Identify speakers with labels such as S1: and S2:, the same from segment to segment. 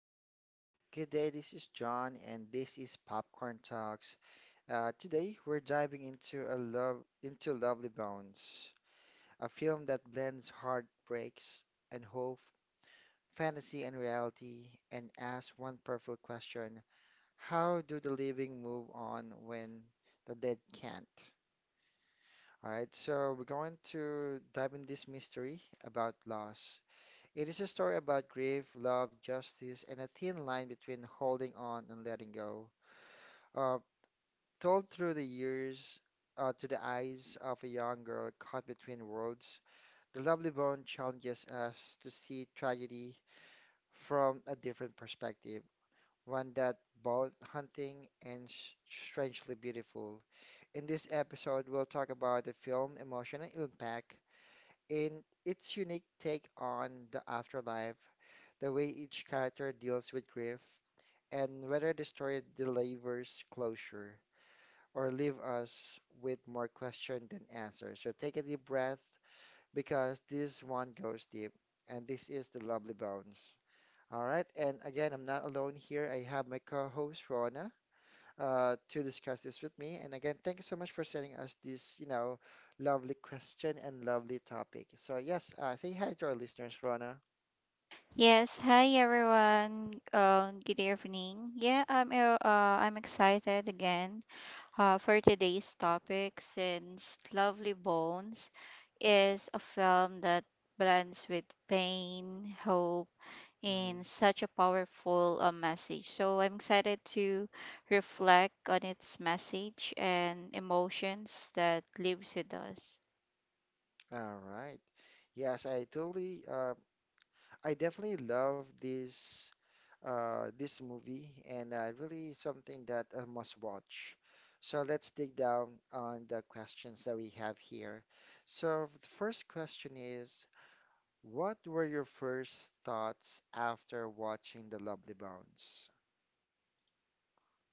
S1: everyone, good day. This is John, and this is Popcorn Talks. Today we're diving into a Lovely Bones, a film that blends heartbreaks and hope, fantasy and reality, and asks one powerful question: How do the living move on when the dead can't? All right, so we're going to dive in this mystery about loss. It is a story about grief, love, justice, and a thin line between holding on and letting go. Uh, Told through the years, to the eyes of a young girl caught between worlds. The Lovely Bone challenges us to see tragedy from a different perspective, one that both haunting and strangely beautiful. In this episode, we'll talk about the film emotional impact in its unique take on the afterlife, the way each character deals with grief, and whether the story delivers closure or leave us with more questions than answers. So take a deep breath because this one goes deep, and this is the Lovely Bones. All right, and again, I'm not alone here. I have my co-host Rona, to discuss this with me. And again, thank you so much for sending us this, you know, lovely question and lovely topic. So yes, say hi to our listeners, Rona.
S2: Yes, hi everyone. Good evening. Yeah, I'm excited again for today's topic, since Lovely Bones is a film that blends with pain, hope,
S1: Mhm.
S2: and such a powerful message. So I'm excited to reflect on its message and emotions that lives with us.
S1: All right. Yes, I totally, I definitely love this movie, and really something that I must watch. So let's dig down on the questions that we have here. So the first question is, what were your first thoughts after watching The Lovely Bones?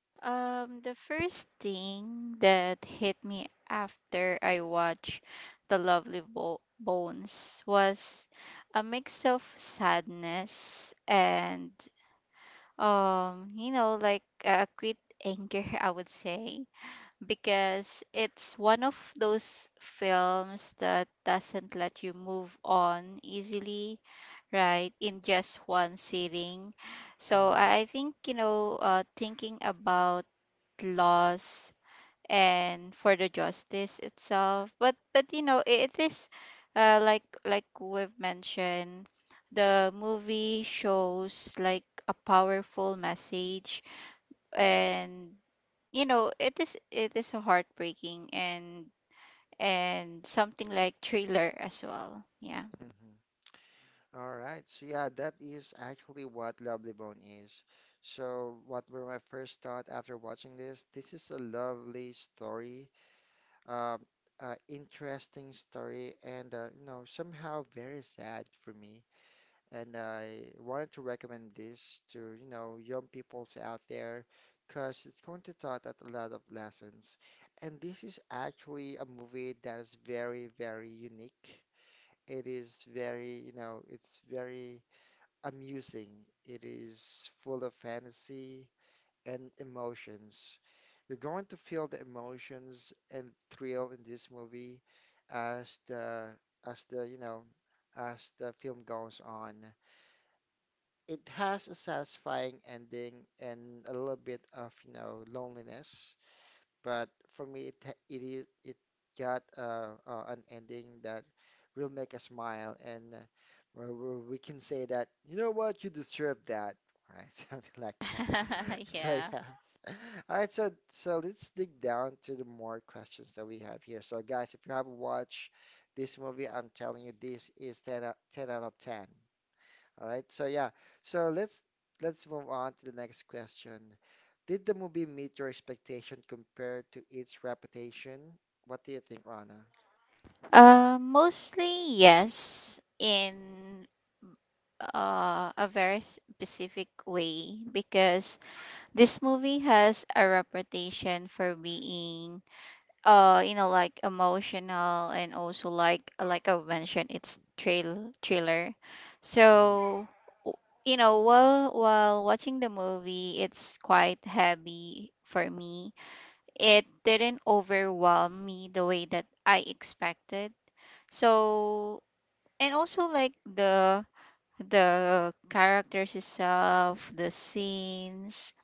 S2: The first thing that hit me after I watched The Lovely Bones was a mix of sadness and, like a quit anger, I would say, because it's one of those films that doesn't let you move on easily, right, in just one sitting. So
S1: Mm-hmm.
S2: I think, thinking about laws and for the justice itself, but you know it is, like we've mentioned, the movie shows like a powerful message, and you know it is a heartbreaking and something like thriller as well, yeah.
S1: All right. So yeah, that is actually what Lovely Bone is. So what were my first thought after watching this? This is a lovely story, uh, interesting story, and you know, somehow very sad for me. And I wanted to recommend this to you know young peoples out there, because it's going to taught at a lot of lessons. And this is actually a movie that is very unique. It is very you know it's very amusing, it is full of fantasy and emotions. You're going to feel the emotions and thrill in this movie as the as the you know as the film goes on. It has a satisfying ending and a little bit of you know loneliness, but for me, it is it got an ending that will make us smile, and where we can say that you know what, you deserve that, right? Something like that. So
S2: Yeah.
S1: yeah. All right, so let's dig down to the more questions that we have here. So guys, if you haven't watched this movie, I'm telling you, this is 10 out of 10. All right. So yeah. So let's move on to the next question. Did the movie meet your expectation compared to its reputation? What do you think, Rana?
S2: Mostly yes, in a very specific way, because this movie has a reputation for being you know like emotional and also like I've mentioned, it's trail thriller.
S1: Mm,
S2: So w- you know, while watching the movie it's quite heavy for me. It didn't overwhelm me the way that I expected. So, and also like the characters itself, the scenes,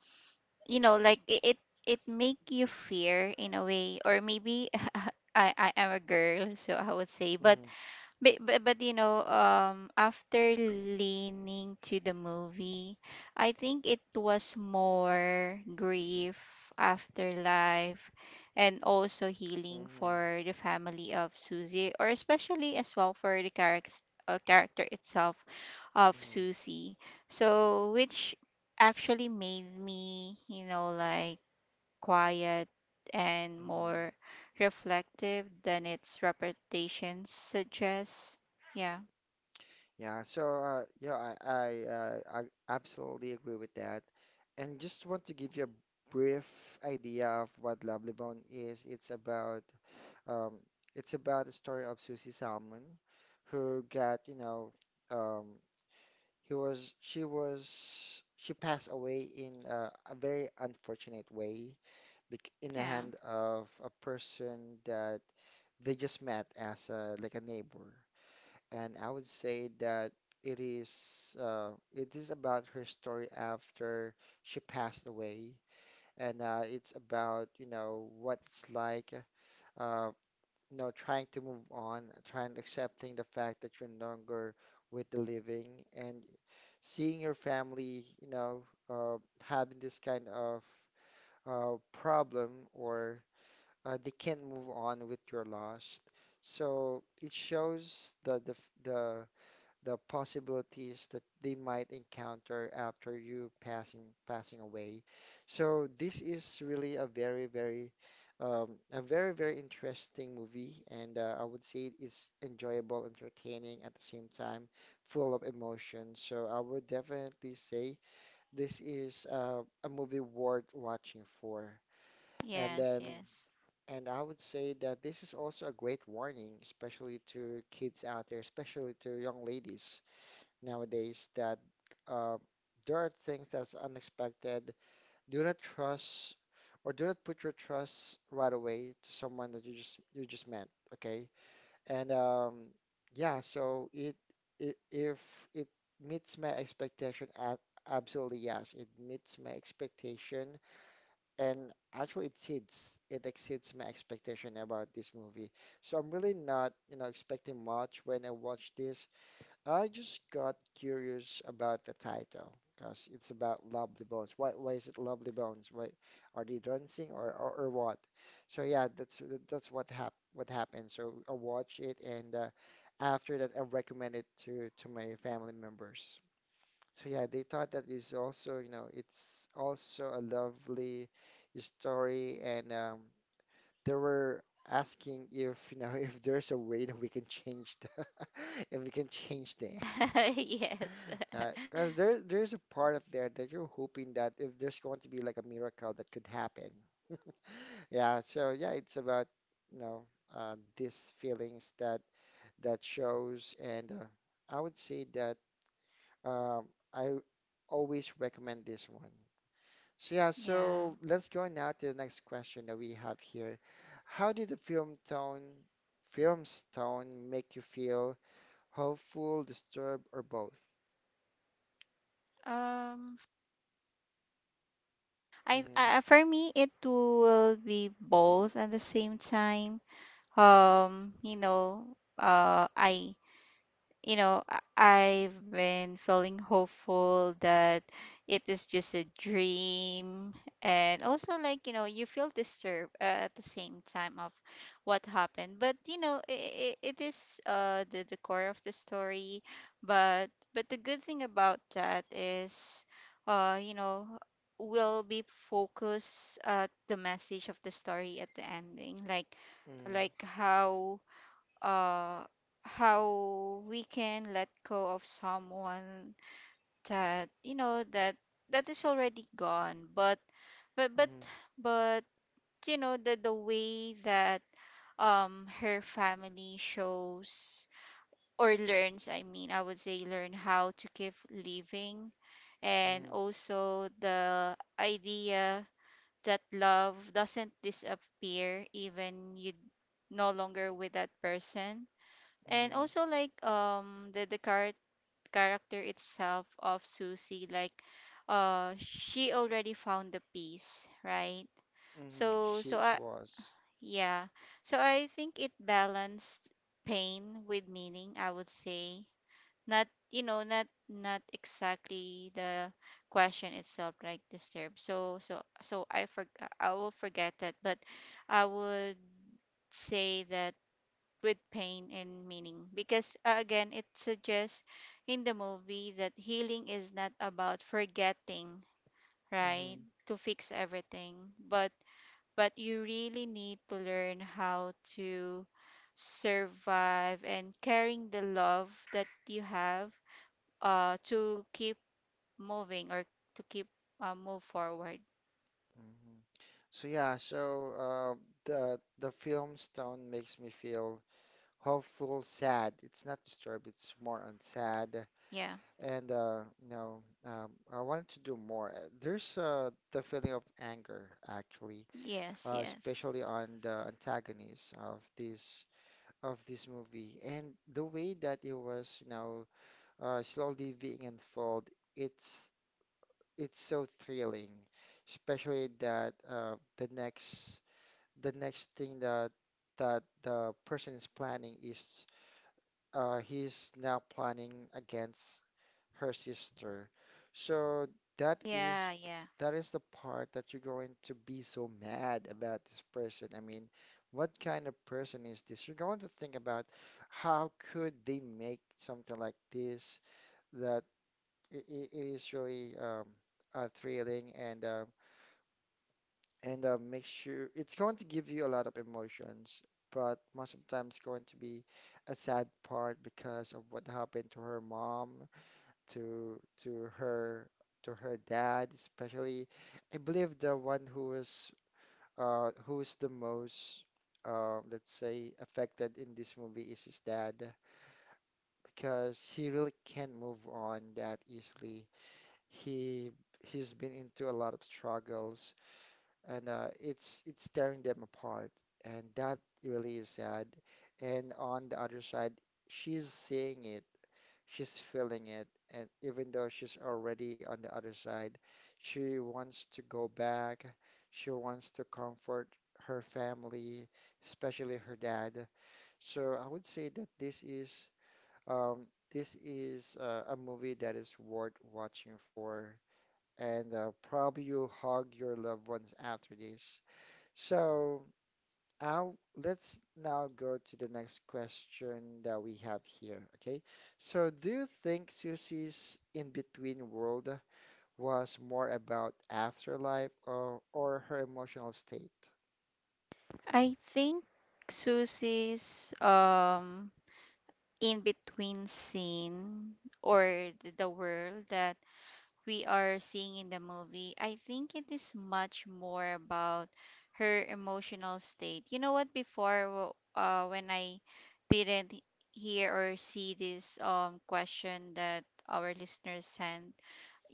S2: you know, it make you fear in a way, or maybe, I'm a girl, so I would say. but
S1: mhm,
S2: but, but but you know, after leaning to the movie, I think it was more grief, afterlife, and also healing
S1: mhm,
S2: for the family of Susie, or especially as well for the character itself of
S1: mhm,
S2: Susie. So which actually made me, you know, like quiet, and
S1: mhm.
S2: more reflective than its reputation suggests. Yeah.
S1: Yeah, so I absolutely agree with that, and just want to give you a brief idea of what Lovely Bone is. Um, it's about the story of Susie Salmon, who got you know um, He was, she passed away in a very unfortunate way, in the
S2: Yeah.
S1: hand of a person that they just met as a, like a neighbor. And I would say that it is about her story after she passed away, and it's about, you know, what it's like. Uh, you know, trying to move on, trying accepting the fact that you're no longer with the living and seeing your family, you know, uh, having this kind of problem, or they can't move on with your loss. So it shows the the possibilities that they might encounter after you passing away. So this is really a very very interesting movie, and I would say it's enjoyable, entertaining at the same time, full of emotion. So I would definitely say this is a movie worth watching for. And
S2: Yes,
S1: then
S2: yes.
S1: and I would say that this is also a great warning, especially to kids out there, especially to young ladies nowadays that uh, there are things that's unexpected. Do not trust or do not put your trust right away to someone that you just met, okay? And yeah, so it if it meets my expectation, absolutely yes, it meets my expectation, and actually it exceeds my expectation about this movie. So I'm really not you know expecting much when I watch this. I just got curious about the title because it's about Lovely Bones. Why is it Lovely Bones? Why are they dancing, or what? So yeah, that's what happened. So I watched it, and after that I recommend it to my family members. So yeah, they thought that is also you know it's also a lovely story, and they were asking if you know if there's a way that we can change the if we can change the
S2: Yes.
S1: yeah, because there's a part of there that you're hoping that if there's going to be like a miracle that could happen. Yeah, so yeah, it's about you know these feelings that shows, and I would say that um, I always recommend this one. So yeah,
S2: Yeah.
S1: so let's go now to the next question that we have here. How did the film's tone make you feel, hopeful, disturbed, or both?
S2: Um
S1: Hmm.
S2: I For me it will be both at the same time. Um, you know, uh I you know, I've been feeling hopeful that it is just a dream. And also, like, you know, you feel disturbed at the same time of what happened. But, you know, it is, the core of the story. But, the good thing about that is, you know, we will be focused at the message of the story at the ending. Like,
S1: Hmm.
S2: like uh how we can let go of someone that, you know, that is already gone, but but but you know, the way that, her family shows or learns, I mean, I would say, learn how to keep living, and
S1: Hmm.
S2: also the idea that love doesn't disappear, even you no longer with that person. And
S1: Mm-hmm.
S2: also like, character itself of Susie, like she already found the peace, right?
S1: Mm-hmm.
S2: so so
S1: She
S2: I
S1: was.
S2: Yeah, so I think it balanced pain with meaning, I would say, not, you know, not exactly the question itself, like disturbed. I will forget that, but I would say that with pain and meaning, because, again, it suggests in the movie that healing is not about forgetting, right,
S1: Mm-hmm.
S2: to fix everything, but you really need to learn how to survive and carrying the love that you have to keep moving, or to keep, move forward.
S1: Mm-hmm. So yeah, so uh, the film Stone makes me feel hopeful, sad. It's not disturbed. It's more on sad,
S2: Yeah.
S1: and you know, I wanted to do more. There's the feeling of anger actually,
S2: Yes, yes.
S1: especially on the antagonist of this movie, and the way that it was, you know, slowly being unfold. It's it's so thrilling, especially that the next thing that the person is planning is he's now planning against her sister. So that
S2: Yeah,
S1: is
S2: yeah.
S1: that is the part that you're going to be so mad about this person. I mean, what kind of person is this? You're going to think about how could they make something like this that it is really thrilling, and make sure it's going to give you a lot of emotions, but most of the time it's going to be a sad part because of what happened to her mom, to to her dad, especially. I believe the one who is the most let's say affected in this movie is his dad, because he really can't move on that easily. He he's been into a lot of struggles, and it's tearing them apart, and that really is sad. And on the other side, she's seeing it, she's feeling it, and even though she's already on the other side, she wants to go back. She wants to comfort her family, especially her dad. So I would say that this is um, a movie that is worth watching for. And probably you hug your loved ones after this. So I'll, let's now go to the next question that we have here. Okay. So do you think Susie's in-between world was more about afterlife, or her emotional state?
S2: I think Susie's in between scene or the world that we are seeing in the movie, I think it is much more about her emotional state. You know what? Before, when I didn't hear or see this question that our listeners sent,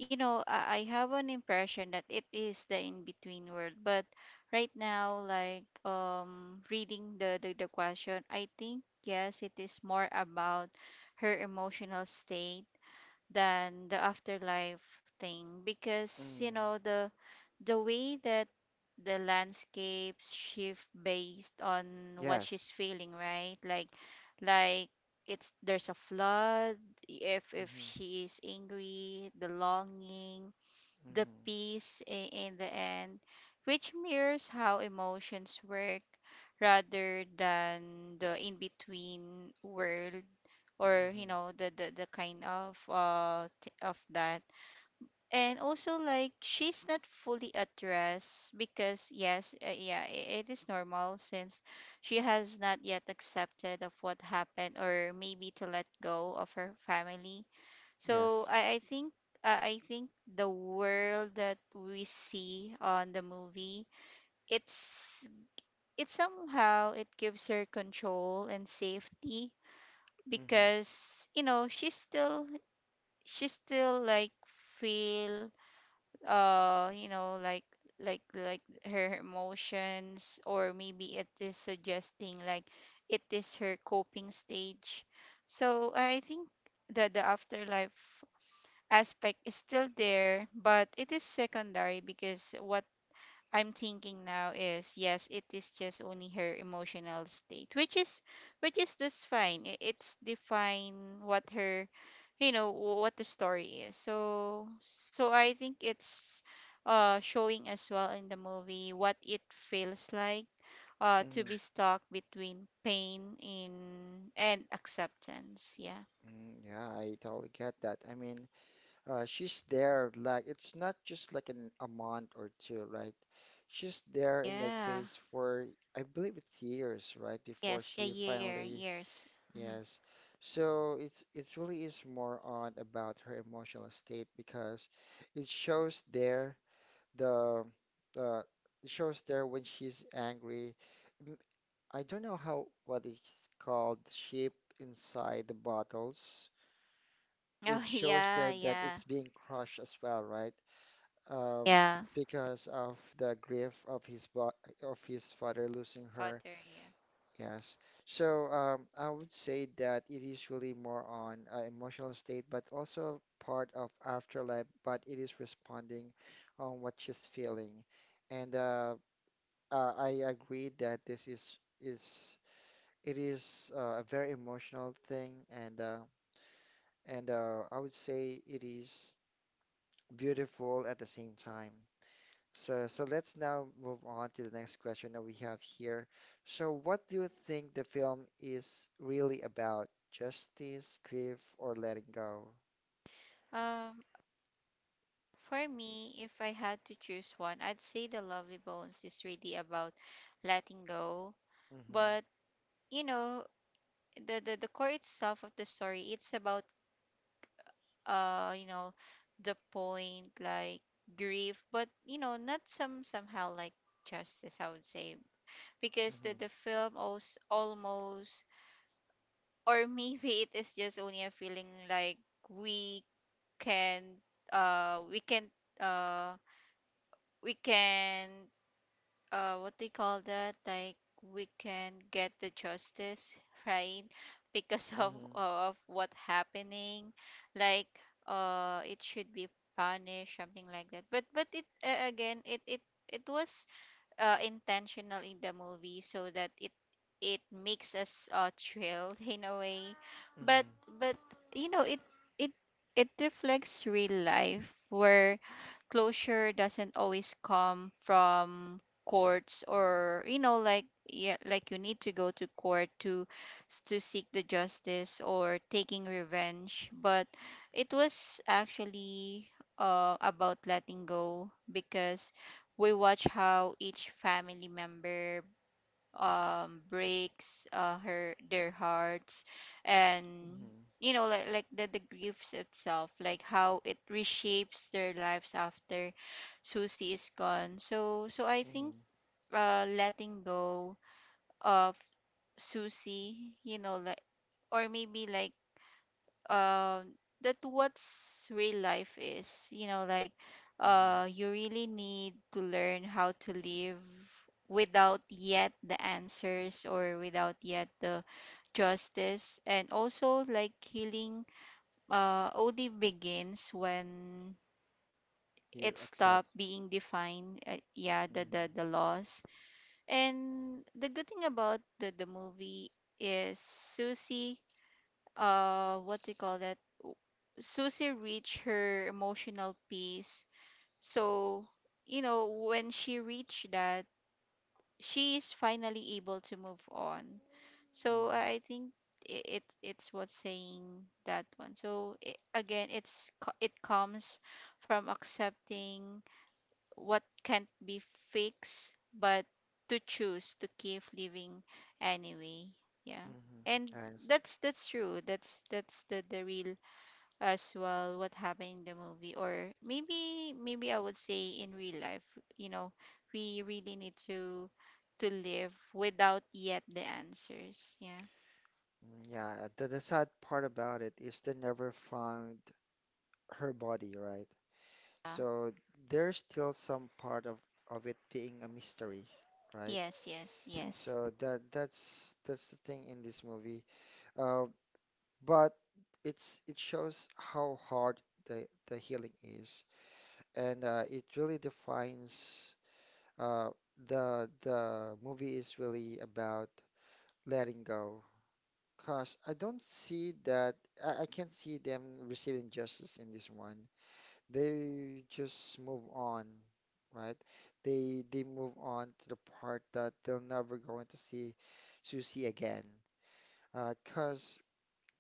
S2: you know, I have an impression that it is the in between world. But right now, like, reading the question, I think yes, it is more about her emotional state than the afterlife thing, because you
S1: Mm,
S2: know the way that the landscapes shift based on what she's
S1: yes.
S2: feeling, right, like it's, there's a flood, if
S1: Hmm.
S2: she is angry, the longing, the
S1: Hmm.
S2: peace in the end, which mirrors how emotions work, rather than the in between world, or you
S1: Hmm.
S2: know the kind of of that. And also like she's not fully addressed, because yes, yeah, it is normal since she has not yet accepted of what happened, or maybe to let go of her family.
S1: Yes.
S2: I think, uh, i think the world that we see on the movie, it's, it somehow it gives her control and safety,
S1: Hmm.
S2: because you know she's still, she still like feel you know like her emotions, or maybe it is suggesting like it is her coping stage. So I think that the afterlife aspect is still there, but it is secondary, because what I'm thinking now is yes, it is just only her emotional state, which is, just fine. It's define what her, you know, what the story is. So I think it's showing as well in the movie what it feels like to
S1: Hmm.
S2: be stuck between pain in and acceptance. Yeah.
S1: Mm, yeah, I totally get that. I mean, She's there, like, it's not just like a month or two, right? She's there in that
S2: Yeah.
S1: place for, I believe it's years, right? Before
S2: Yes, a
S1: she
S2: year,
S1: finally,
S2: years. Hmm.
S1: yes. So it's it really is more on about her emotional state, because it shows there the uh, it shows there when she's angry. M- I don't know how what it's called, shape inside the bottles.
S2: Oh,
S1: It shows
S2: yeah,
S1: there that
S2: yeah,
S1: it's being crushed as well, right? Um,
S2: yeah.
S1: because of the grief of his bo of his father losing her.
S2: Father,
S1: Yes. So I would say that it is really more on emotional state, but also part of afterlife. But it is responding on what she's feeling, and I agree that this is it is a very emotional thing, and I would say it is beautiful at the same time. So, so let's now move on to the next question that we have here. So, what do you think the film is really about? Justice, grief, or letting go?
S2: yeah. For me, if I had to choose one, I'd say The Lovely Bones is really about letting go.
S1: Mm-hmm,
S2: But, you know, the core itself of the story, it's about, you know, the point, like grief, but you know, not somehow like justice, I would say. Because the
S1: mm-hmm,
S2: the film almost, almost, or maybe it is just only a feeling, like we can uh we can uh we can, what they call that, like, we can get the justice, right? Because
S1: mm-hmm,
S2: of what happening, like, it should be punished, something like that. But it, again, it was, intentional in the movie, so that it makes us, thrilled, in a way. but
S1: mm-hmm,
S2: but you know, it it reflects real life, where closure doesn't always come from courts, or you know, like, yeah, like you need to go to court to to seek the justice or taking revenge. But it was actually, about letting go, because we watch how each family member, breaks her their hearts, and
S1: mm-hmm,
S2: you know like the griefs itself, like how it reshapes their lives after Susie is gone. So I think,
S1: mm-hmm,
S2: letting go of Susie, you know, like, or maybe like, um that what's real life is, you know, like,
S1: mm-hmm.
S2: you really need to learn how to live without yet the answers, or without yet the justice. And also like healing OD begins when it
S1: You accept.
S2: stopped being defined, yeah,
S1: Mm-hmm,
S2: the laws. And the good thing about the movie is, Susie, what do you call that w- Susie reached her emotional peace. So, you know, when she reached that, she is finally able to move on. So I think it's what's saying that one. So, I again, it comes from accepting what can't be fixed, but to choose to keep living anyway. Yeah.
S1: mm-hmm,
S2: And
S1: mm-hmm. And
S2: that's true. That's the real as well what happened in the movie, or maybe I would say in real life, you know, we really need to live without yet the answers. Yeah.
S1: mm, yeah, the sad part about it is they never found her body, right?
S2: Uh,
S1: So there's still some part of it being a mystery, right?
S2: yes, yes.
S1: So that's the thing in this movie. Uh, but it shows how hard the healing is, and it really defines uh, the movie is really about letting go. Cause I don't see that I can't see them receiving justice in this one. They just move on, right? They move on to the part that they'll never going to see Susie again. Uh, cause,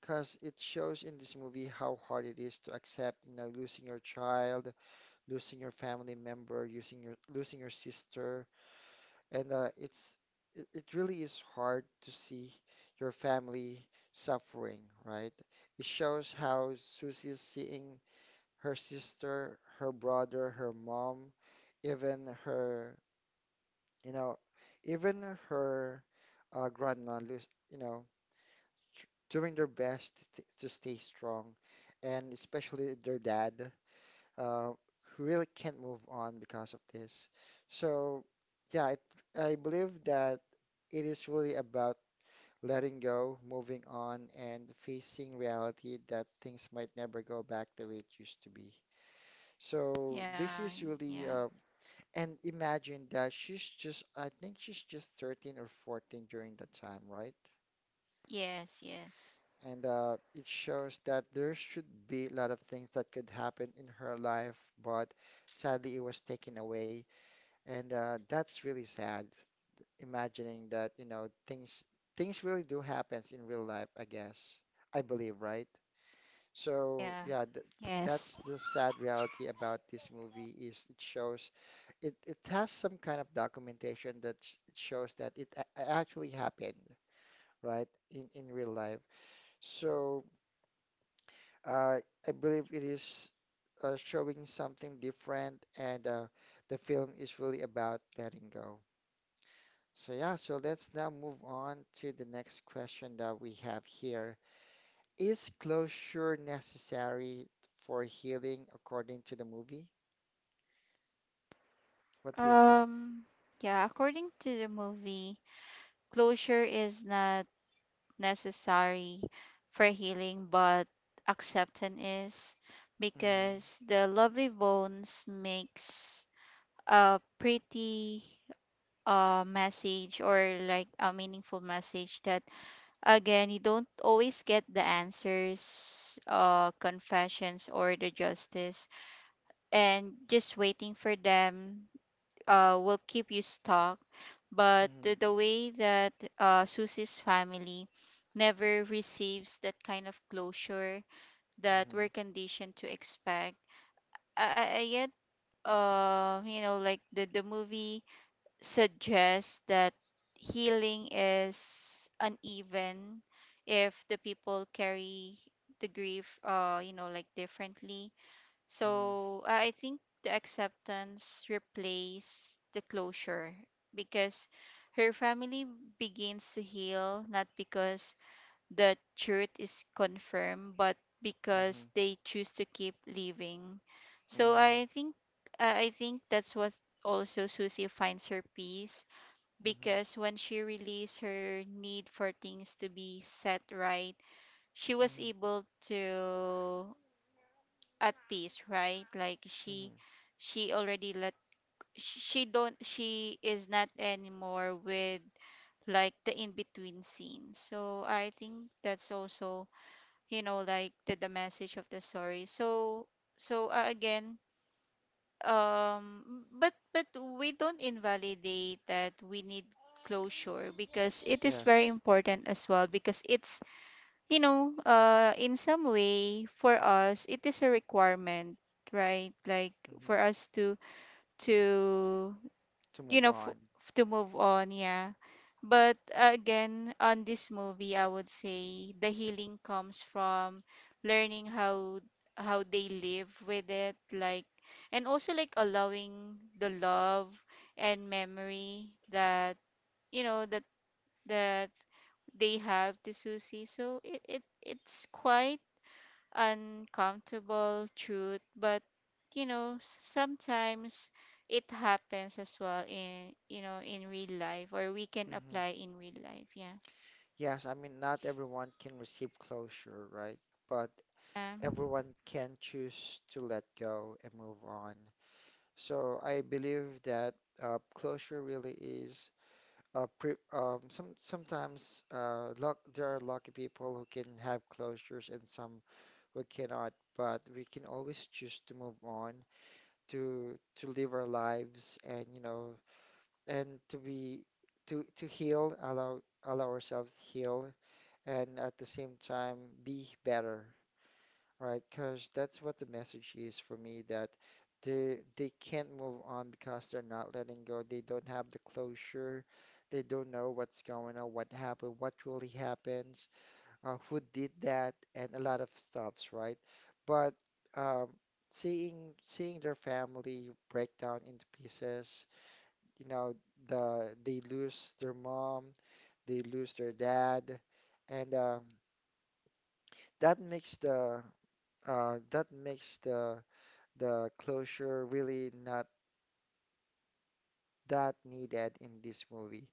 S1: cause it shows in this movie how hard it is to accept, you know, losing your child, losing your family member, using your losing your sister, and it really is hard to see your family suffering, right? It shows how Susie's seeing her sister, her brother, her mom, even her, you know, even her grandma lose, you know, doing their best to stay strong, and especially their dad, uh, who really can't move on because of this. So, yeah, it, I believe that it is really about letting go, moving on, and facing reality that things might never go back the way it used to be. So,
S2: Yeah, yeah.
S1: and imagine that she's just, I think she's just 13 or 14 during that time, right?
S2: Yes, yes.
S1: And it shows that there should be a lot of things that could happen in her life, but sadly it was taken away. And that's really sad, imagining that, you know, things really do happens in real life, I guess. I believe, right?
S2: Yeah.
S1: So yeah, th
S2: Yes.
S1: that's the sad reality about this movie is it shows it has some kind of documentation that it shows that it actually happened, right, in real life. So uh, I believe it is showing something different, and the film is really about letting go. So, yeah, so let's now move on to the next question that we have here. Is closure necessary for healing according to the movie? What do you think?
S2: Um, yeah, according to the movie, closure is not necessary for healing, but acceptance is,
S1: Mm-hmm.
S2: because the lovely bones makes a pretty message, or like a meaningful message, that again, you don't always get the answers, confessions, or the justice, and just waiting for them will keep you stuck. But the,
S1: Mm-hmm.
S2: the way that, Susie's family never receives that kind of closure that we're conditioned to expect. I Yet, you know, like the movie suggests that healing is uneven if the people carry the grief, you know, like differently.
S1: Mm-hmm.
S2: So I think the acceptance replaced the closure, because her family begins to heal, not because the truth is confirmed, but because
S1: Mm-hmm.
S2: they choose to keep living. So
S1: Mm-hmm.
S2: I think, I think that's what also Susie finds her peace,
S1: Mm-hmm.
S2: because when she released her need for things to be set right, she was
S1: Mm-hmm.
S2: able to at peace, right, like she
S1: Mm-hmm.
S2: she already let, she don't, she is not anymore with like the in between scene. So I think that's also, you know, like the message of the story. So again, but, we don't invalidate that we need closure, because it is very
S1: Yes.
S2: important as well, because it's, you know, in some way, for us, it is a requirement, right? Like for
S1: Mm-hmm.
S2: us to, to
S1: To
S2: you
S1: move
S2: know
S1: on.
S2: f- to move on, yeah. But again, on this movie, I would say the healing comes from learning how they live with it, like, and also like allowing the love and memory that you know that that they have to Susie. So it's quite uncomfortable truth, but sometimes it happens as well in in real life, or we can apply in real life. Yeah.
S1: Yes, I mean, not everyone can receive closure, right? But
S2: Yeah.
S1: everyone can choose to let go and move on. So I believe that closure really is pre some sometimes luck, there are lucky people who can have closures and some who cannot. But we can always choose to move on, to live our lives, and you know, and to be to heal, allow ourselves heal and at the same time be better, right? Because that's what the message is for me that they can't move on because they're not letting go. They don't have the closure. They don't know what's going on, what happened, what really happens, who did that, and a lot of stuffs, right? But um, seeing their family break down into pieces, you know, they lose their mom, they lose their dad, and that makes the uh, that makes the the closure really not that needed in this movie.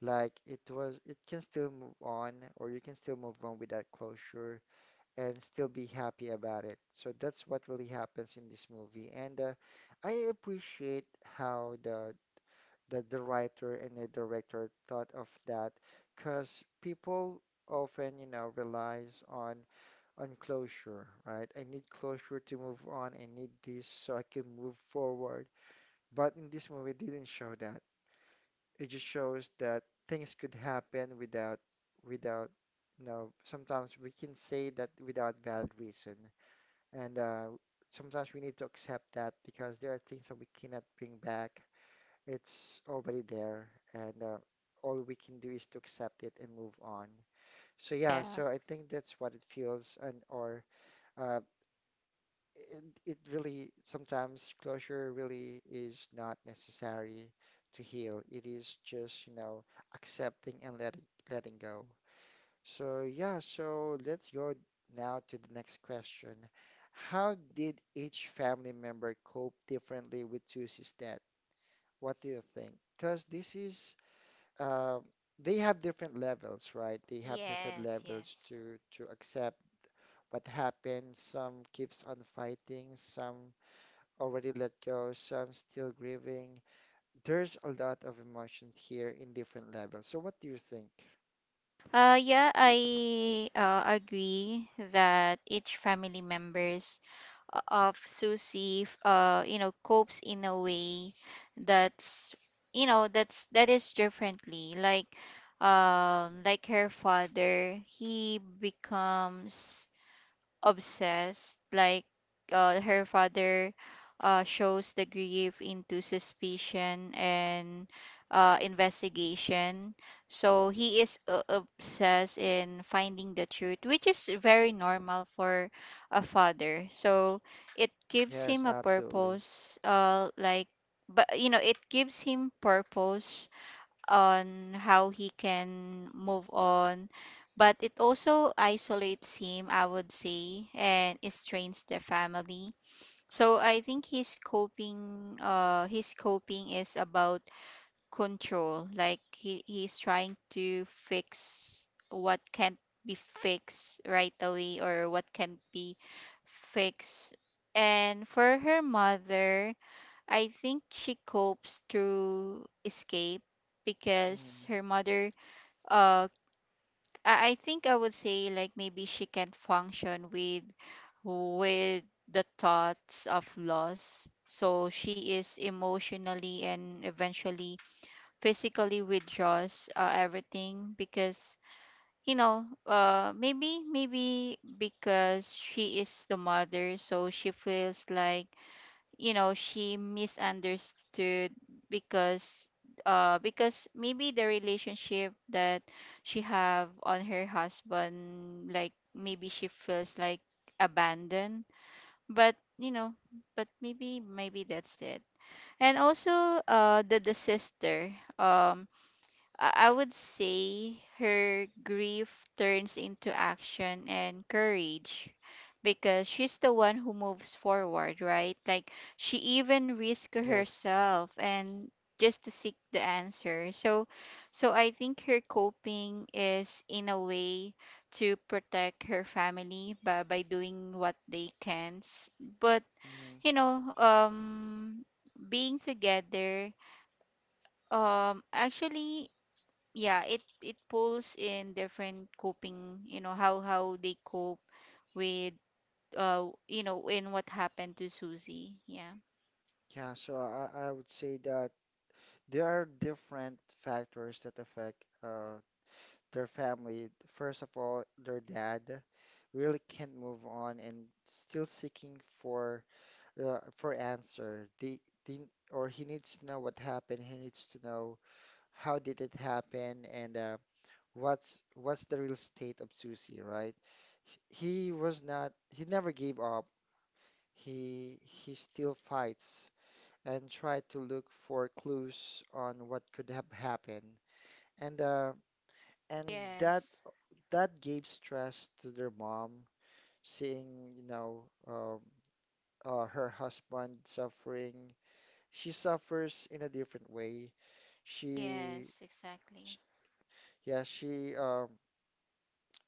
S1: Like it was, it can still move on, or you can still move on without closure and still be happy about it. So that's what really happens in this movie, and I appreciate how the writer and the director thought of that, because people often, you know, relies on closure, right? I need closure to move on. I need this so I can move forward. But in this movie, it didn't show that. It just shows that things could happen without, you know, sometimes we can say that without valid reason. And sometimes we need to accept that because there are things that we cannot bring back. It's already there. And all we can do is to accept it and move on. So yeah,
S2: Yeah.
S1: so I think that's what it feels , and uh, it really sometimes closure really is not necessary to heal. It is just, you know, accepting and letting go. So yeah, so let's go now to the next question. How did each family member cope differently with Susie's death? What do you think? Because this is uh, they have different levels, right? They have different
S2: Yes,
S1: levels
S2: yes.
S1: to accept what happened. Some keeps on fighting, some already let go, some still grieving. There's a lot of emotion here in different levels. So what do you think?
S2: Yeah, I agree that each family members of Susie, copes in a way that's, you know, that's that is differently. Like her father, he becomes obsessed, like, her father shows the grief into suspicion and investigation, so he is obsessed in finding the truth, which is very normal for a father, so it gives him
S1: Yes,
S2: a
S1: absolutely.
S2: purpose, but it gives him purpose on how he can move on, but it also isolates him, I would say, and it strains the family. So I think his coping, his coping is about control, like he's trying to fix what can't be fixed right away, or what can't be fixed. And for her mother, I think she copes through escape, because
S1: Mm,
S2: her mother, uh I think I would say, like, maybe she can function with with the thoughts of loss. So she is emotionally and eventually physically withdraws everything, because maybe because she is the mother, so she feels like, she misunderstood because, because maybe the relationship that she have on her husband, like, maybe she feels like abandoned. But you know but maybe maybe that's it. And also, the sister, um I would say her grief turns into action and courage, because she's the one who moves forward, right? Like, she even risked
S1: yes.
S2: herself and just to seek the answer. So I think her coping is in a way to protect her family by doing what they can. But,
S1: Mm,
S2: you know, um being together, actually, yeah, it pulls in different coping, how they cope with, in what happened to Susie. Yeah.
S1: yeah, so I would say that there are different factors that affect their family. First of all, their dad really can't move on and still seeking for answer. The or he needs to know what happened. He needs to know how did it happen and what's the real state of Susie, right? He was not, he never gave up. He still fights and tried to look for clues on what could have happened. And and
S2: Yes.
S1: that that gave stress to their mom, seeing, you know, her husband suffering. She suffers in a different way.
S2: Yes,
S1: She,
S2: exactly.
S1: sh yeah, she um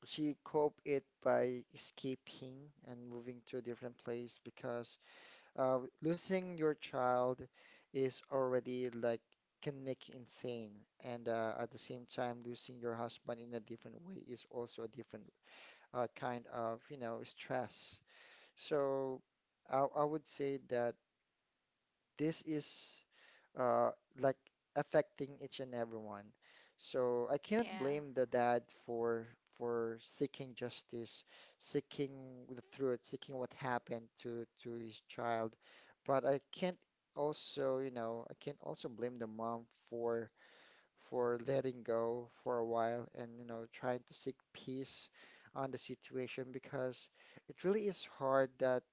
S1: she coped it by escaping and moving to a different place because losing your child is already like can make you insane, and at the same time, losing your husband in a different way is also a different kind of you know stress. So I would say that this is uh, like affecting each and everyone. So I cannot
S2: Yeah.
S1: blame the dad for seeking justice, seeking the truth, seeking what happened to his child. But I can't also, you know, I can't also blame the mom for letting go for a while and, you know, trying to seek peace on the situation because it really is hard that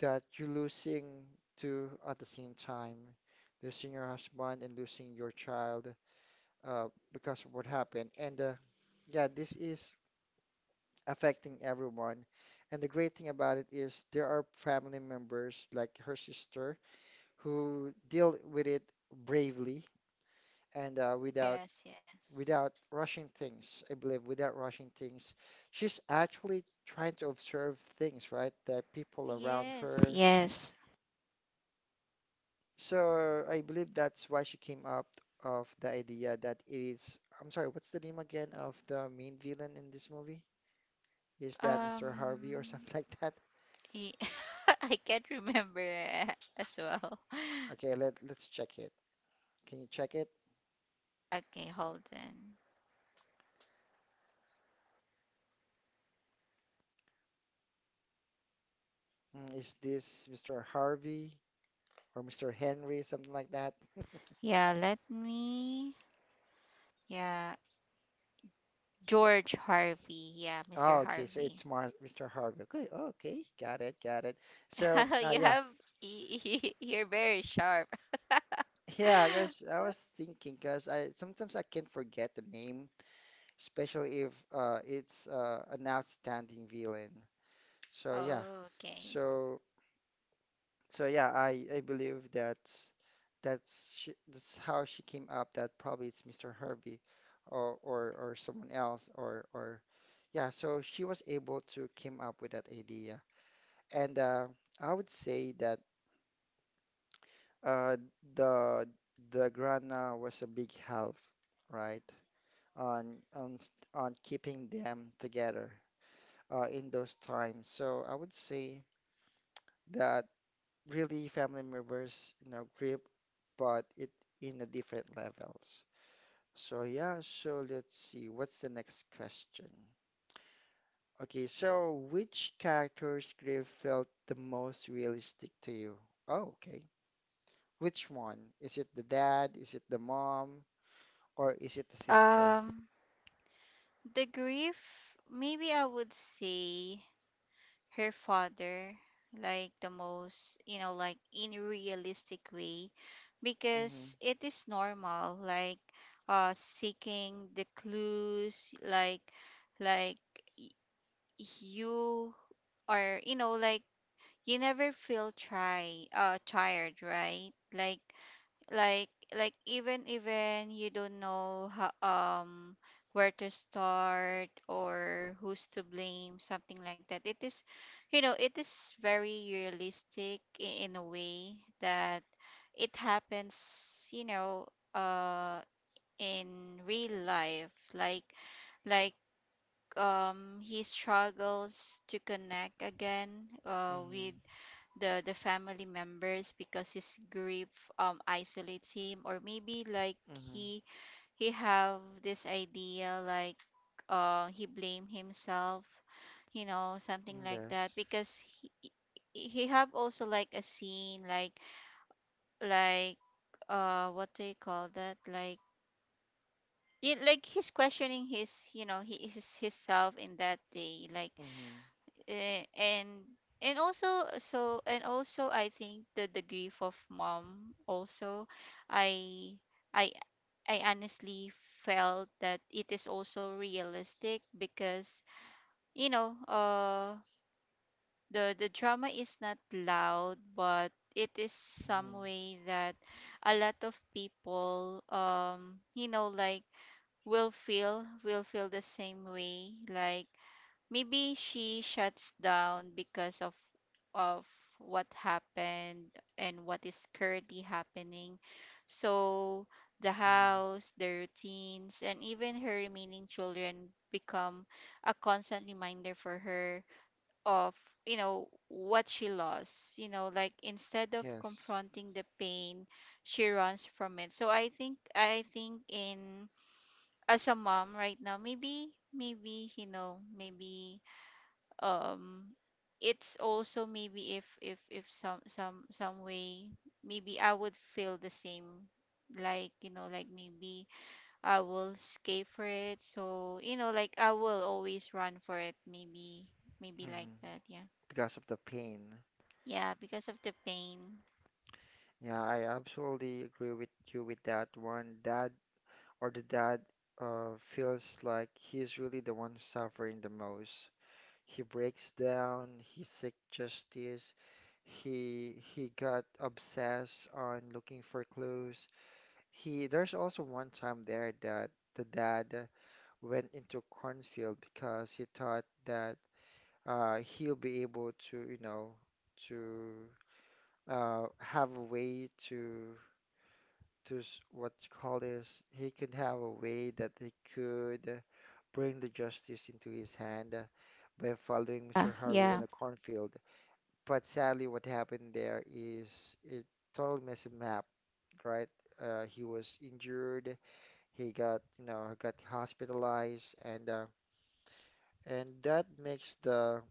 S1: that you're losing two at the same time, losing your husband and losing your child because of what happened. And yeah, this is affecting everyone. And the great thing about it is there are family members like her sister who deal with it bravely and without
S2: Yes, yes.
S1: rushing things. I believe without rushing things, she's actually trying to observe things, right? The people around
S2: Yes,
S1: her.
S2: yes.
S1: So I believe that's why she came up of the idea that it is, I'm sorry, what's the name again of the main villain in this movie? Is that Mr. Harvey or
S2: Um,
S1: something like that?
S2: y- I can't remember as well.
S1: Okay, let let's check it. Can you check it?
S2: Okay, hold on.
S1: Mm, is this Mr. Harvey or Mr. Henry, something like that?
S2: Yeah, let me. Yeah, George Harvey. Yeah, Mr.
S1: Oh, okay, so
S2: Harvey.
S1: it's Mar Mr. Harvey. Okay, okay, got it, got it. So,
S2: You
S1: yeah,
S2: have you're very sharp.
S1: yeah, because I was thinking because I sometimes I can forget the name especially if it's an outstanding villain. So yeah,
S2: Okay.
S1: so so yeah, I believe that's she, that's how she came up. That probably it's Mr. Herbie, or someone else, or yeah. So she was able to came up with that idea, and I would say that uh, the the grandma was a big help, right, on on keeping them together in those times. So I would say that really family members, you know, grip, but it in a different levels. So yeah, so let's see, what's the next question? Okay, so which character's grief felt the most realistic to you? Oh, okay. Which one? Is it the dad? Is it the mom? Or is it the sister?
S2: Um, the grief, maybe I would say her father, like, the most, like, in a realistic way,
S1: Mm-hmm.
S2: because it is normal, like, seeking the clues, like, like you are, like, you never feel try tired, right? Like like like even you don't know how, where to start or who's to blame, something like that. It is, it is very realistic in a way that it happens, uh in real life, like, like he struggles to connect again
S1: Mm-hmm.
S2: with the family members, because his grief isolates him, or maybe like
S1: Mm-hmm.
S2: he have this idea, like, he blame himself, something like that,
S1: Yes.
S2: because he have also like a scene, like, like what do you call that, like, yeah, like he's questioning his, he is his self in that day, like.
S1: Mm-hmm.
S2: Eh, and and also, I think the grief of mom also, I I I honestly felt that it is also realistic, because you know uh the drama is not loud, but it is some
S1: Mm-hmm.
S2: way that a lot of people, like, will feel the same way. Like, maybe she shuts down because of what happened and what is currently happening. So the
S1: Mm-hmm.
S2: house, the routines, and even her remaining children become a constant reminder for her of, what she lost, like, instead of
S1: Yes.
S2: confronting the pain, she runs from it. So I think in, as a mom right now, maybe maybe you know maybe um it's also maybe, if some way, maybe I would feel the same, like, like maybe I will escape for it. So, like, I will always run for it, maybe, like
S1: Mm-hmm.
S2: that, yeah.
S1: Because of the pain.
S2: Yeah, because of the pain.
S1: Yeah, I absolutely agree with you with that one. Dad or the dad feels like he's really the one suffering the most. He breaks down, he seeks justice, he got obsessed on looking for clues. He There's also one time there that the dad went into cornfield because he thought that he'll be able to, you know, to have a way to what you call this. He could have a way that he could bring the justice into his hand by following Mr. Harvey on
S2: Yeah.
S1: a cornfield. But sadly, what happened there is it totally messed him up, right? He was injured. He got, you know, got hospitalized, and that makes the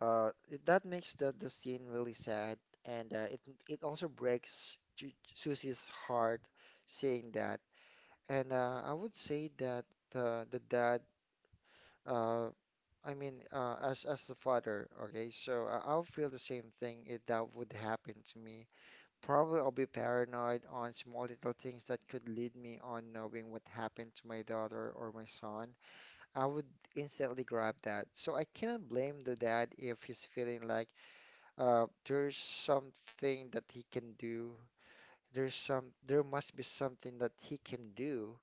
S1: That makes the scene really sad, and it also breaks Ju Susie's heart seeing that. And I would say that the dad, uh, I mean, as the father, okay, so I'll feel the same thing if that would happen to me. Probably I'll be paranoid on small little things that could lead me on knowing what happened to my daughter or my son. I would instantly grab that. So I cannot blame the dad if he's feeling like there's something that he can do. There's some, there must be something that he can do,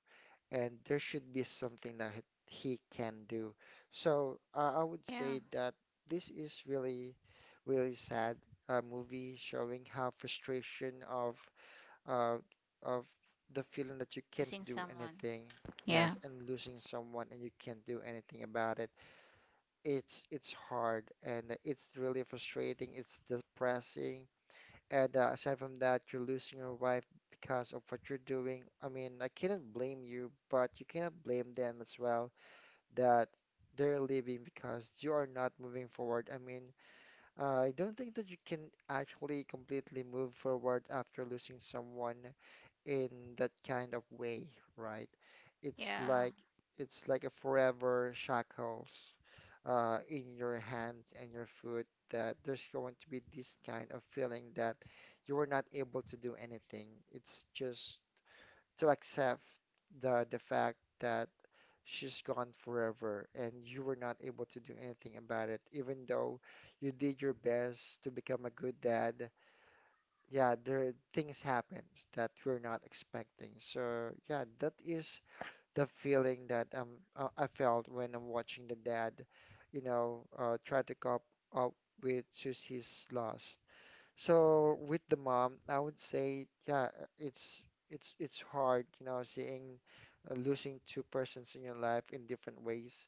S1: and there should be something that he can do. I
S2: Yeah,
S1: would say that this is really, really sad movie showing how frustration of uh, of the feeling that you
S2: losing
S1: can't do
S2: someone.
S1: anything.
S2: Yeah.
S1: Yes, and losing someone and you can't do anything about it. It's hard and it's really frustrating. It's depressing and aside from that, you're losing your wife because of what you're doing. I mean, I cannot blame you, but you cannot blame them as well that they're leaving because you are not moving forward. I mean, I don't think that you can actually completely move forward after losing someone in that kind of way, right? It's
S2: Yeah.
S1: like it's like a forever shackles in your hands and your foot that there's going to be this kind of feeling that you were not able to do anything. It's just to accept the fact that she's gone forever and you were not able to do anything about it, even though you did your best to become a good dad. Yeah, there things happens that we're not expecting. So yeah, that is the feeling that I felt when I'm watching the dad, try to cope up with Susie's loss. So with the mom, I would say, yeah, it's it's hard, you know, seeing losing two persons in your life in different ways,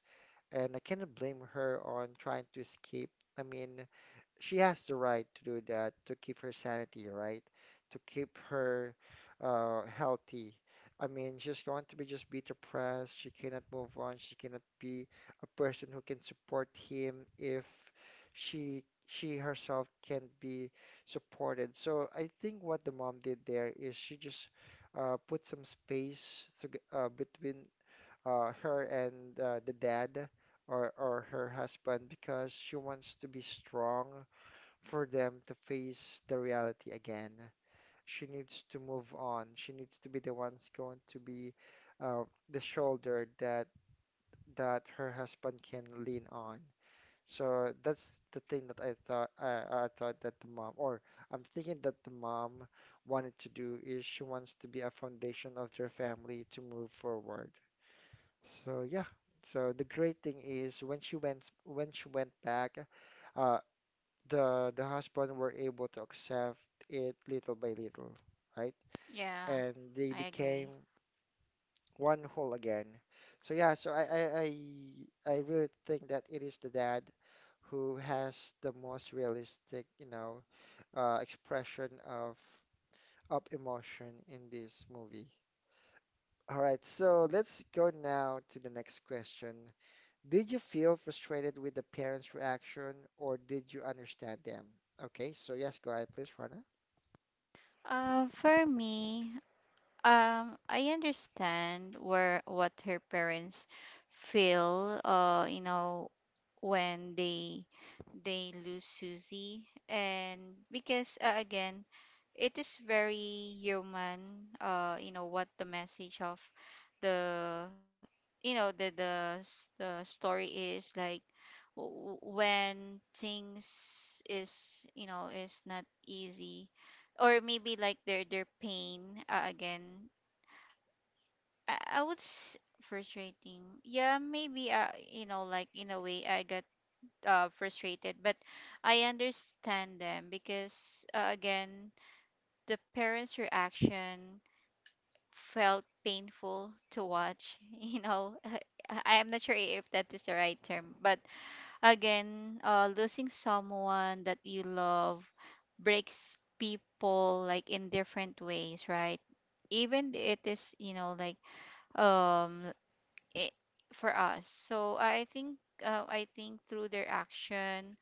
S1: and I cannot blame her on trying to escape. I mean, she has the right to do that to keep her sanity, right? To keep her healthy. I mean, she's going to be just be depressed. She cannot move on. She cannot be a person who can support him if she herself can't be supported. So I think what the mom did there is she just put some space to, between her and the dad or her husband because she wants to be strong for them to face the reality again. She needs to move on. She needs to be the one's going to be uh, the shoulder that that her husband can lean on. So that's the thing that I thought I thought that the mom, or I'm thinking that the mom wanted to do is she wants to be a foundation of their family to move forward. So yeah. So the great thing is when she went back, uh, the husband were able to accept it little by little, right?
S2: Yeah,
S1: And they
S2: I
S1: became
S2: agree.
S1: one whole again. So yeah, so I really think that it is the dad who has the most realistic, you know, expression of emotion in this movie. All right, so let's go now to the next question. Did you feel frustrated with the parents' reaction or did you understand them? Okay, so yes, go ahead, please, Rana.
S2: For me, I understand where, what her parents feel, when they lose Susie. And because again, it is very human, what the message of the, the story is, like, when things is, is not easy, or maybe like their pain, again. Frustrating. Yeah, maybe, like, in a way I got frustrated. But I understand them, because again, the parents' reaction felt painful to watch, I am not sure if that is the right term, but again, losing someone that you love breaks people, like, in different ways, right? Even it is, like, um eh, for us. So I think through their action,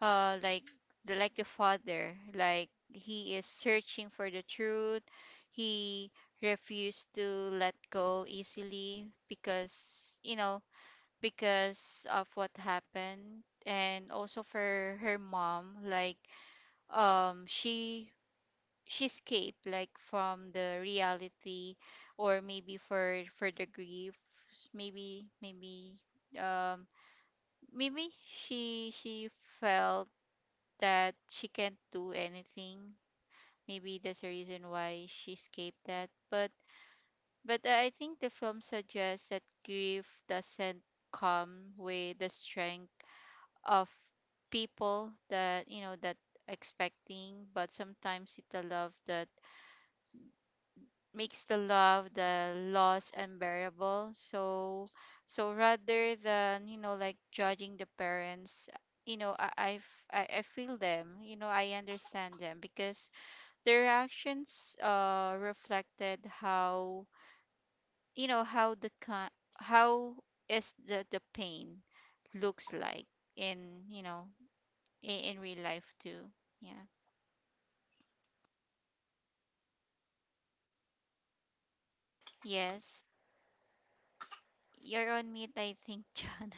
S2: like, the father, like, he is searching for the truth. He refused to let go easily, because, because of what happened. And also for her mom, like, um she she escape, like, from the reality, or maybe for the grief. Maybe maybe um maybe she felt that she can't do anything. Maybe that's the reason why she escaped that. But I think the film suggests that grief doesn't come with the strength of people that, that expecting, but sometimes it's the love that makes the love, the loss unbearable. So, rather than, like, judging the parents, I feel them, I understand them, because their actions reflected how, how the how is the pain looks like in, in real life too. Yeah. Yes. You're on mute, I think, John.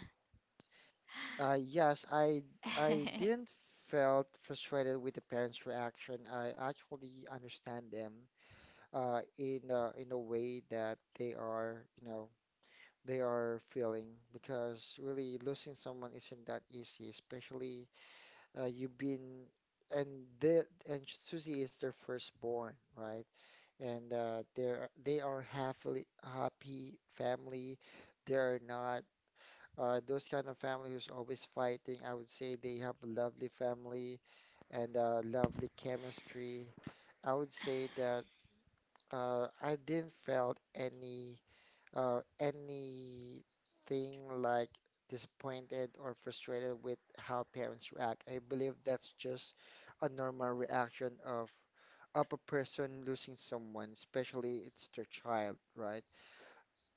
S1: Yes, I didn't felt frustrated with the parents' reaction. I actually understand them in in a way that they are, you know, they are feeling because really losing someone isn't that easy, especially you've been and the and Susie is their firstborn, right? And they are happily happy family. They're not those kind of family who's always fighting. I would say they have a lovely family and lovely chemistry. I would say that I didn't felt any anything like disappointed or frustrated with how parents react. I believe that's just a normal reaction of a person losing someone, especially it's their child, right?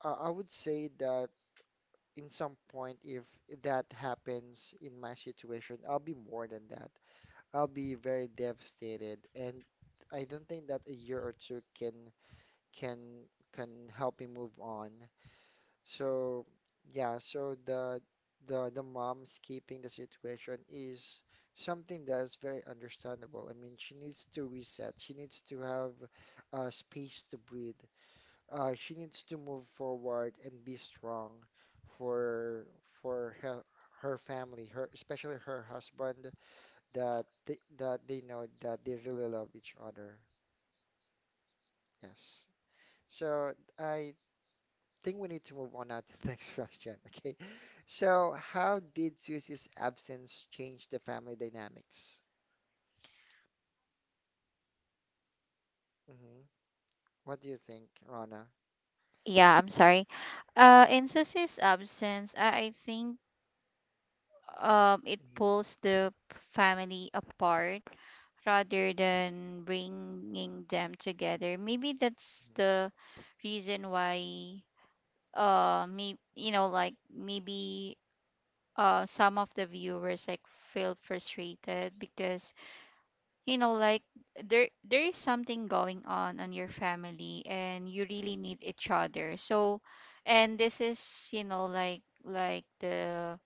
S1: I would say that in some point, if that happens in my situation, I'll be more than that. I'll be very devastated, and I don't think that a year or two can can can help me move on. So yeah, so the the mom's keeping the situation is something that is very understandable. I mean, she needs to reset. She needs to have space to breathe. Uh, she needs to move forward and be strong for her family, her especially her husband, that they know that they really love each other. Yes. So I think we need to move on now to the next question. Okay. So how did Susie's absence change the family dynamics? hmm What do you think, Rana?
S2: Yeah, I'm sorry. In Susie's absence, I think, it pulls the family apart rather than bringing them together. Maybe that's the
S1: Hmm
S2: reason why, me, like, maybe some of the viewers, like, feel frustrated, because, like, there is something going on your family, and you really need each other. So, and this is, the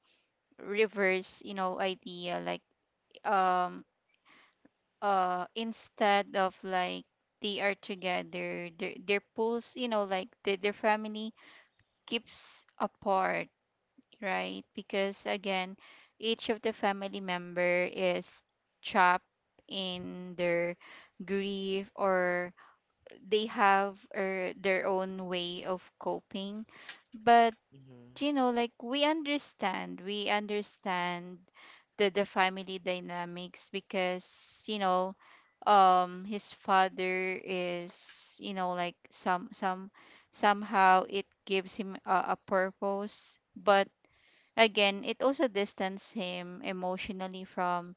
S2: reverse, idea, like, um instead of, like, they are together, their pulls, like, the, their family keeps apart, right? Because again, each of the family member is trapped in their grief, or they have or their own way of coping. But,
S1: hmm hmm
S2: like, we understand the family dynamics, because, his father is, like, somehow it gives him a purpose. But again, it also distanced him emotionally from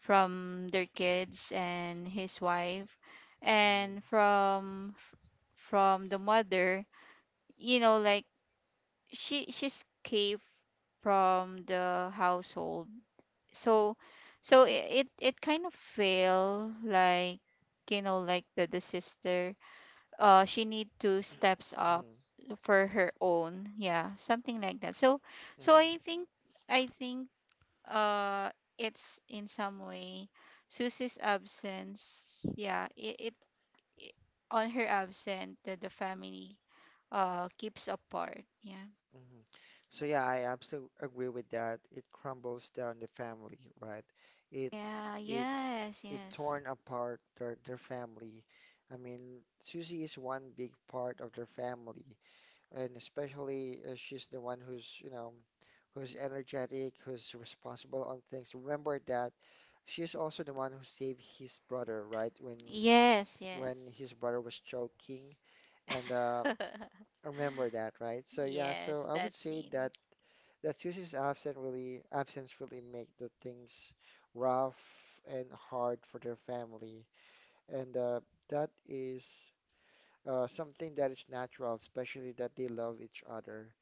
S2: their kids and his wife, and from the mother, like, she's cave from the household. So so i- it kind of feel like, like, the sister, she need to steps up
S1: hmm
S2: for her own, yeah, something like that. so so
S1: hmm
S2: i think I think, uh it's in some way, Susie's absence, yeah, it, on her absence, the family, keeps apart. Yeah.
S1: Mhm. So yeah, I absolutely agree with that. It crumbles down the family, right? It
S2: Yeah.
S1: it
S2: Yes,
S1: it
S2: yes.
S1: torn apart their family. I mean, Susie is one big part of their family, and especially she's the one who's, you know, who's energetic, who's responsible on things. Remember that she's also the one who saved his brother, right? When
S2: Yes,
S1: when
S2: yes.
S1: his brother was choking, and remember that, right? So yeah,
S2: Yes,
S1: so I
S2: that
S1: would say
S2: scene.
S1: that that Susie's absence really make the things rough and hard for their family, and that is something that is natural, especially that they love each other.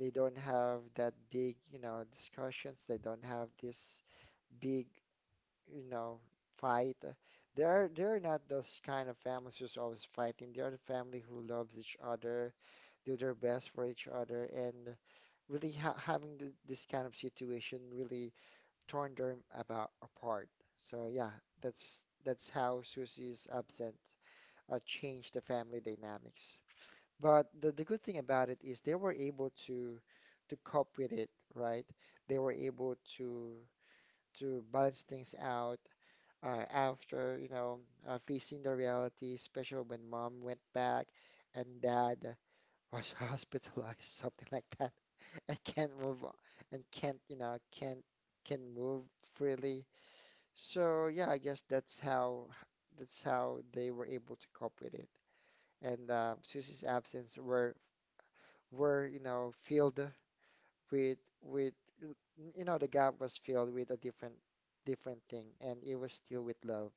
S1: They don't have that big, you know, discussions. They don't have this big, you know, fight. They're not those kind of families who's always fighting. They are the family who loves each other, do their best for each other, and really ha having th this kind of situation really torn them about apart. So yeah, that's how Susie's absence changed the family dynamics. But the good thing about it is they were able to cope with it, right? They were able to balance things out after, you know, facing the reality, especially when mom went back and dad was hospitalized, something like that, and can't move on, and can't, you know, can't can move freely. So yeah, I guess that's how they were able to cope with it. And Susie's absence were, you know, filled with you know, the gap was filled with a different different thing, and it was still with love.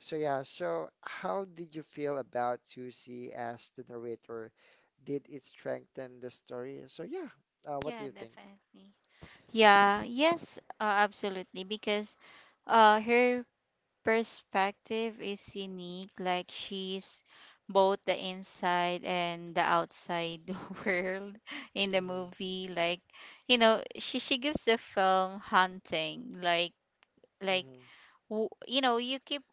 S1: So yeah, so how did you feel about Susie as the narrator? Did it strengthen the story? So yeah, what do
S2: Yeah,
S1: you think?
S2: definitely. Yeah. Yes, absolutely, because her perspective is unique. Like, she's both the inside and the outside world in the
S1: Mm-hmm,
S2: movie. Like, she gives the film haunting. Like
S1: mm-hmm,
S2: you keep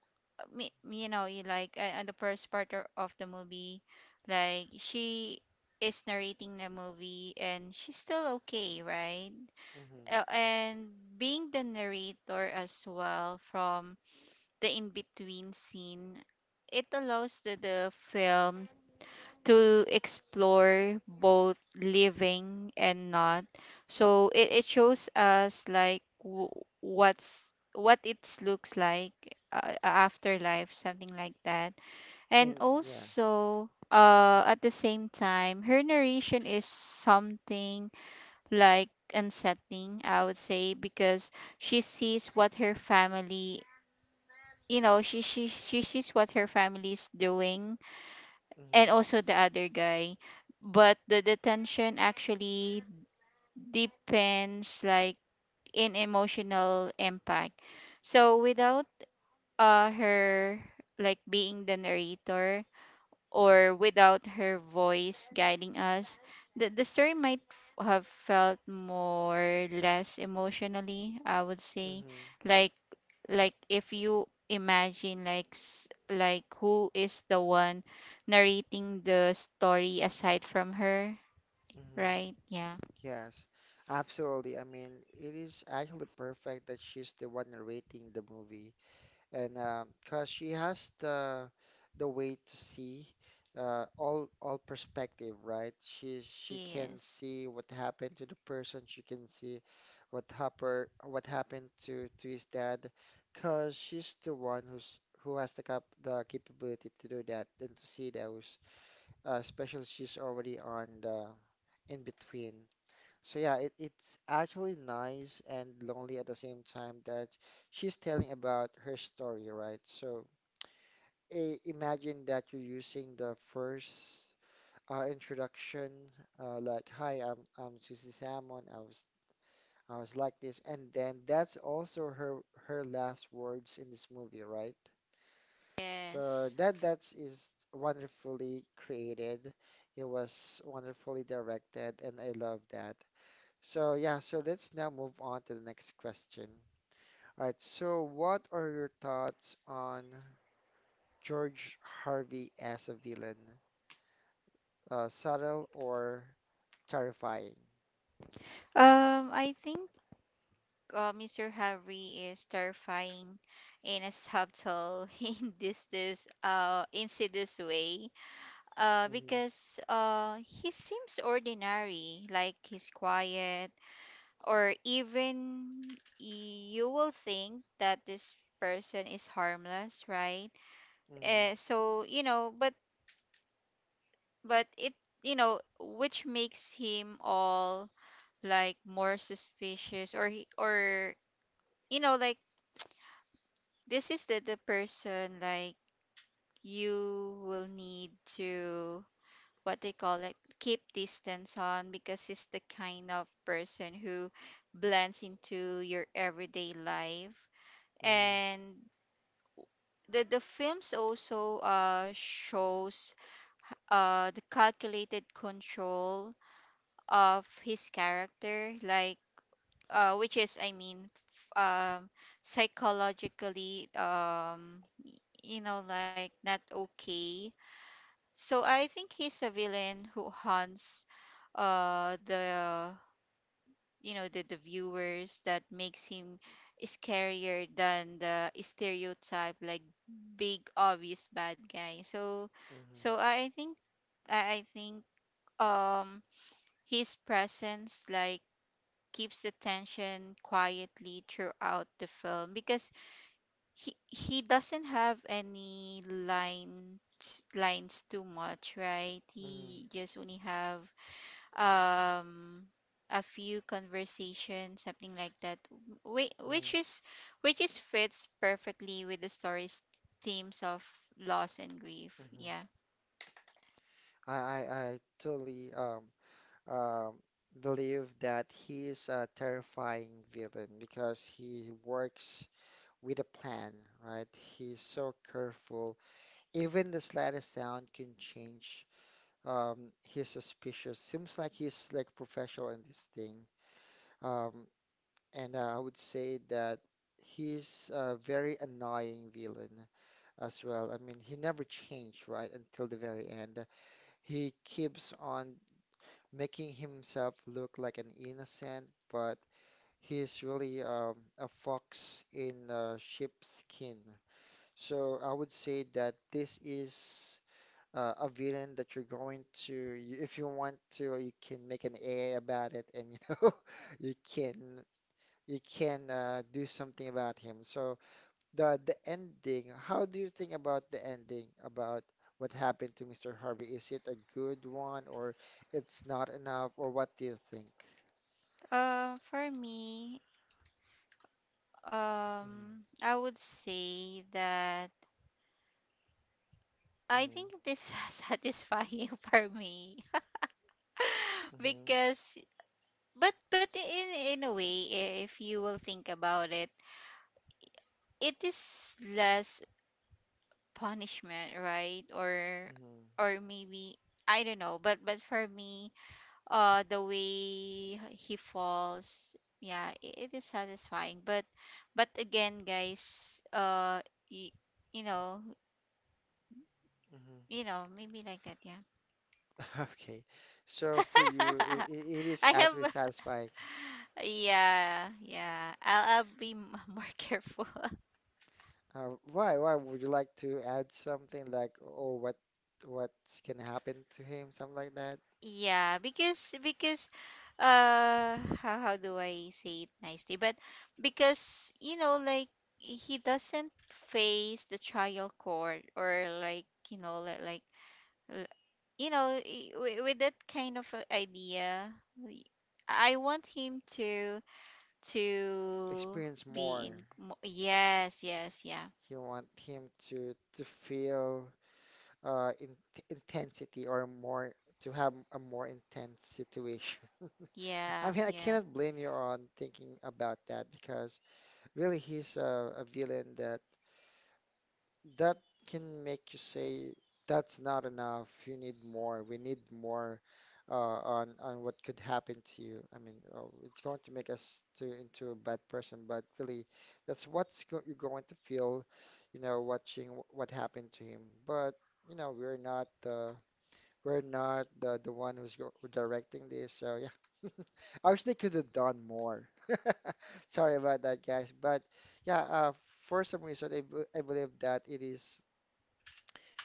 S2: you like, and the first part of the movie, like, she is narrating the movie, and she's still okay, right?
S1: mm-hmm.
S2: And being the narrator as well from the in-between scene, it allows the film to explore both living and not. So it shows us, like, what's what it looks like, afterlife, something like that. And
S1: In yeah.
S2: also,
S1: Mm-hmm,
S2: at the same time, her narration is something like unsettling, I would say, because she sees what her family, she sees what her family's doing,
S1: mm-hmm,
S2: and also the other guy. But the detention actually depends, like, in emotional impact. So without, her, like, being the narrator, or without her voice guiding us, the story might have felt more less emotionally, I would say.
S1: mm-hmm,
S2: Like if you imagine, like, like, who is the one narrating the story aside from her,
S1: mm-hmm.
S2: right? Yeah.
S1: Yes, absolutely. I mean, it is actually perfect that she's the one narrating the movie, and 'cause she has the way to see all all perspective, right? She can
S2: Yes.
S1: see what happened to the person. She can see what happened to his dad, 'cause she's the one who has the cap the capability to do that and to see those, especially she's already on the in between. So yeah, it, it's actually nice and lonely at the same time that she's telling about her story, right? So I imagine that you're using the first introduction, like, "Hi, I'm Susie Salmon. I was like this," and then that's also her her last words in this movie, right? So
S2: Yes.
S1: that that is wonderfully created. It was wonderfully directed, and I love that. So yeah, so let's now move on to the next question. All right, so what are your thoughts on George Harvey as a villain? Subtle or terrifying?
S2: I think, Mr. Harry is terrifying in a subtle in this this insidious way,
S1: Mm-hmm,
S2: because he seems ordinary, like, he's quiet, or even you will think that this person is harmless, right?
S1: mm-hmm,
S2: So, but it, which makes him all, like, more suspicious. Or he, or, like, this is the person, like, you will need to, what they call it, keep distance on, because he's the kind of person who blends into your everyday life. And the films also shows the calculated control of his character, like, which is, I mean, psychologically, like, not okay. So I think he's a villain who hunts, the you know the viewers, that makes him scarier than the stereotype, like, big obvious bad guy. So so
S1: mm-hmm,
S2: I think um his presence, like, keeps the tension quietly throughout the film, because he doesn't have any lines too much, right?
S1: mm-hmm,
S2: He just only have, um a few conversations, something like that, whi-
S1: mm-hmm,
S2: which is which is, fits perfectly with the story's themes of loss and grief.
S1: mm-hmm.
S2: Yeah.
S1: I totally um, believe that he is a terrifying villain because he works with a plan, right? He's so careful. Even the slightest sound can change his suspicious. Seems like he's like professional in this thing. Um, and I would say that he's a very annoying villain as well. I mean, he never changed, right, until the very end. He keeps on making himself look like an innocent, but he's really a fox in sheepskin. So I would say that this is a villain that you're going to, if you want to, you can make an AI about it, and you know, you can do something about him. So the ending, how do you think about the ending about what happened to Mr. Harvey? Is it a good one, or it's not enough, or what do you think?
S2: For me,
S1: Mm-hmm,
S2: I would say that I think this satisfying for me,
S1: mm-hmm,
S2: because, but in a way, if you will think about it, it is less punishment, right? Or
S1: mm-hmm,
S2: or maybe I don't know, but, for me, the way he falls, yeah, it is satisfying. But again, guys, y- you know,
S1: hmm
S2: maybe like that, yeah.
S1: Okay, so for you, it is
S2: I
S1: actually
S2: have
S1: satisfying.
S2: yeah, yeah. I'll be more careful.
S1: Why? Why would you like to add something like, oh, what what's gonna happen to him, something like that?
S2: Yeah, because, how do I say it nicely? But because, like, he doesn't face the trial court, or like, you know like l- you know I- wi- with that kind of idea, we- I want him to, to
S1: Experience
S2: be
S1: more.
S2: in yes, yes, yeah.
S1: You want him to feel in intensity or more to have a more intense situation. I
S2: Yeah,
S1: mean, I
S2: yeah.
S1: cannot blame you on thinking about that because really he's a villain that that can make you say that's not enough. You need more. We need more on what could happen to you. I mean, oh, it's going to make us to into a bad person, but really, that's what's go you're going to feel, you know, watching what happened to him. But you know, we're not the one who's who directing this, so yeah. I wish they could have done more. Sorry about that, guys. But yeah, for some reason, I believe that it is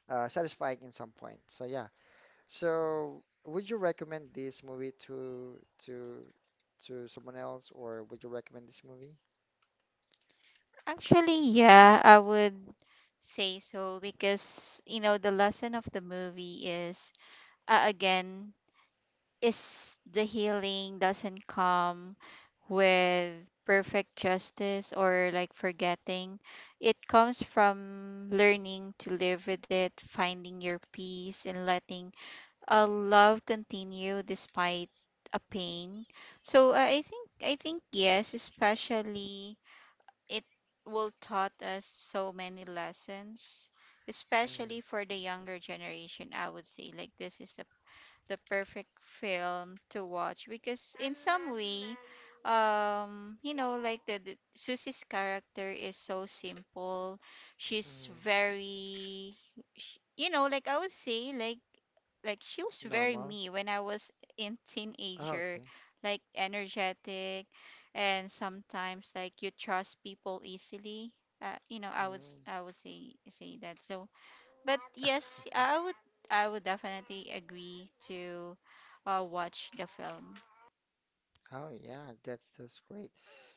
S1: satisfying in some point. So yeah. So would you recommend this movie to to someone else, or would you recommend this movie?
S2: Actually, yeah, I would say so, because, the lesson of the movie is, again, is the healing doesn't come with perfect justice, or like, forgetting. It comes from learning to live with it, finding your peace and letting a love continue despite a pain. So, I think, yes, especially it will taught us so many lessons, especially for the younger generation, I would say, like, this is the perfect film to watch, because in some way, like, the Susie's character is so simple. She's
S1: Mm-hmm.
S2: very sh you know like, I would say, she was very
S1: Normal.
S2: me when I was in
S1: Oh,
S2: teenager,
S1: okay.
S2: like, energetic, and sometimes like you trust people easily.
S1: Mm,
S2: I would say that. So but yes, I would definitely agree to watch the film.
S1: Oh yeah, that's great.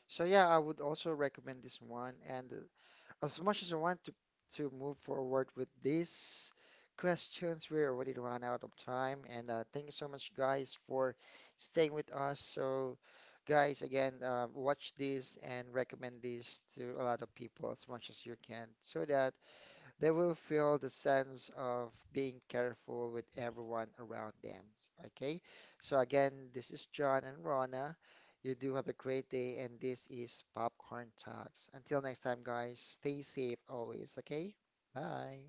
S1: So yeah, I would also recommend this one. And as much as I want to move forward with these questions, we already run out of time. And thank you so much, guys, for staying with us. So, guys, again, watch this and recommend this to a lot of people as much as you can, so that they will feel the sense of being careful with everyone around them. Okay? So again, this is John and Rona. You do have a great day, and this is Popcorn Talks. Until next time, guys, stay safe always, okay? Bye.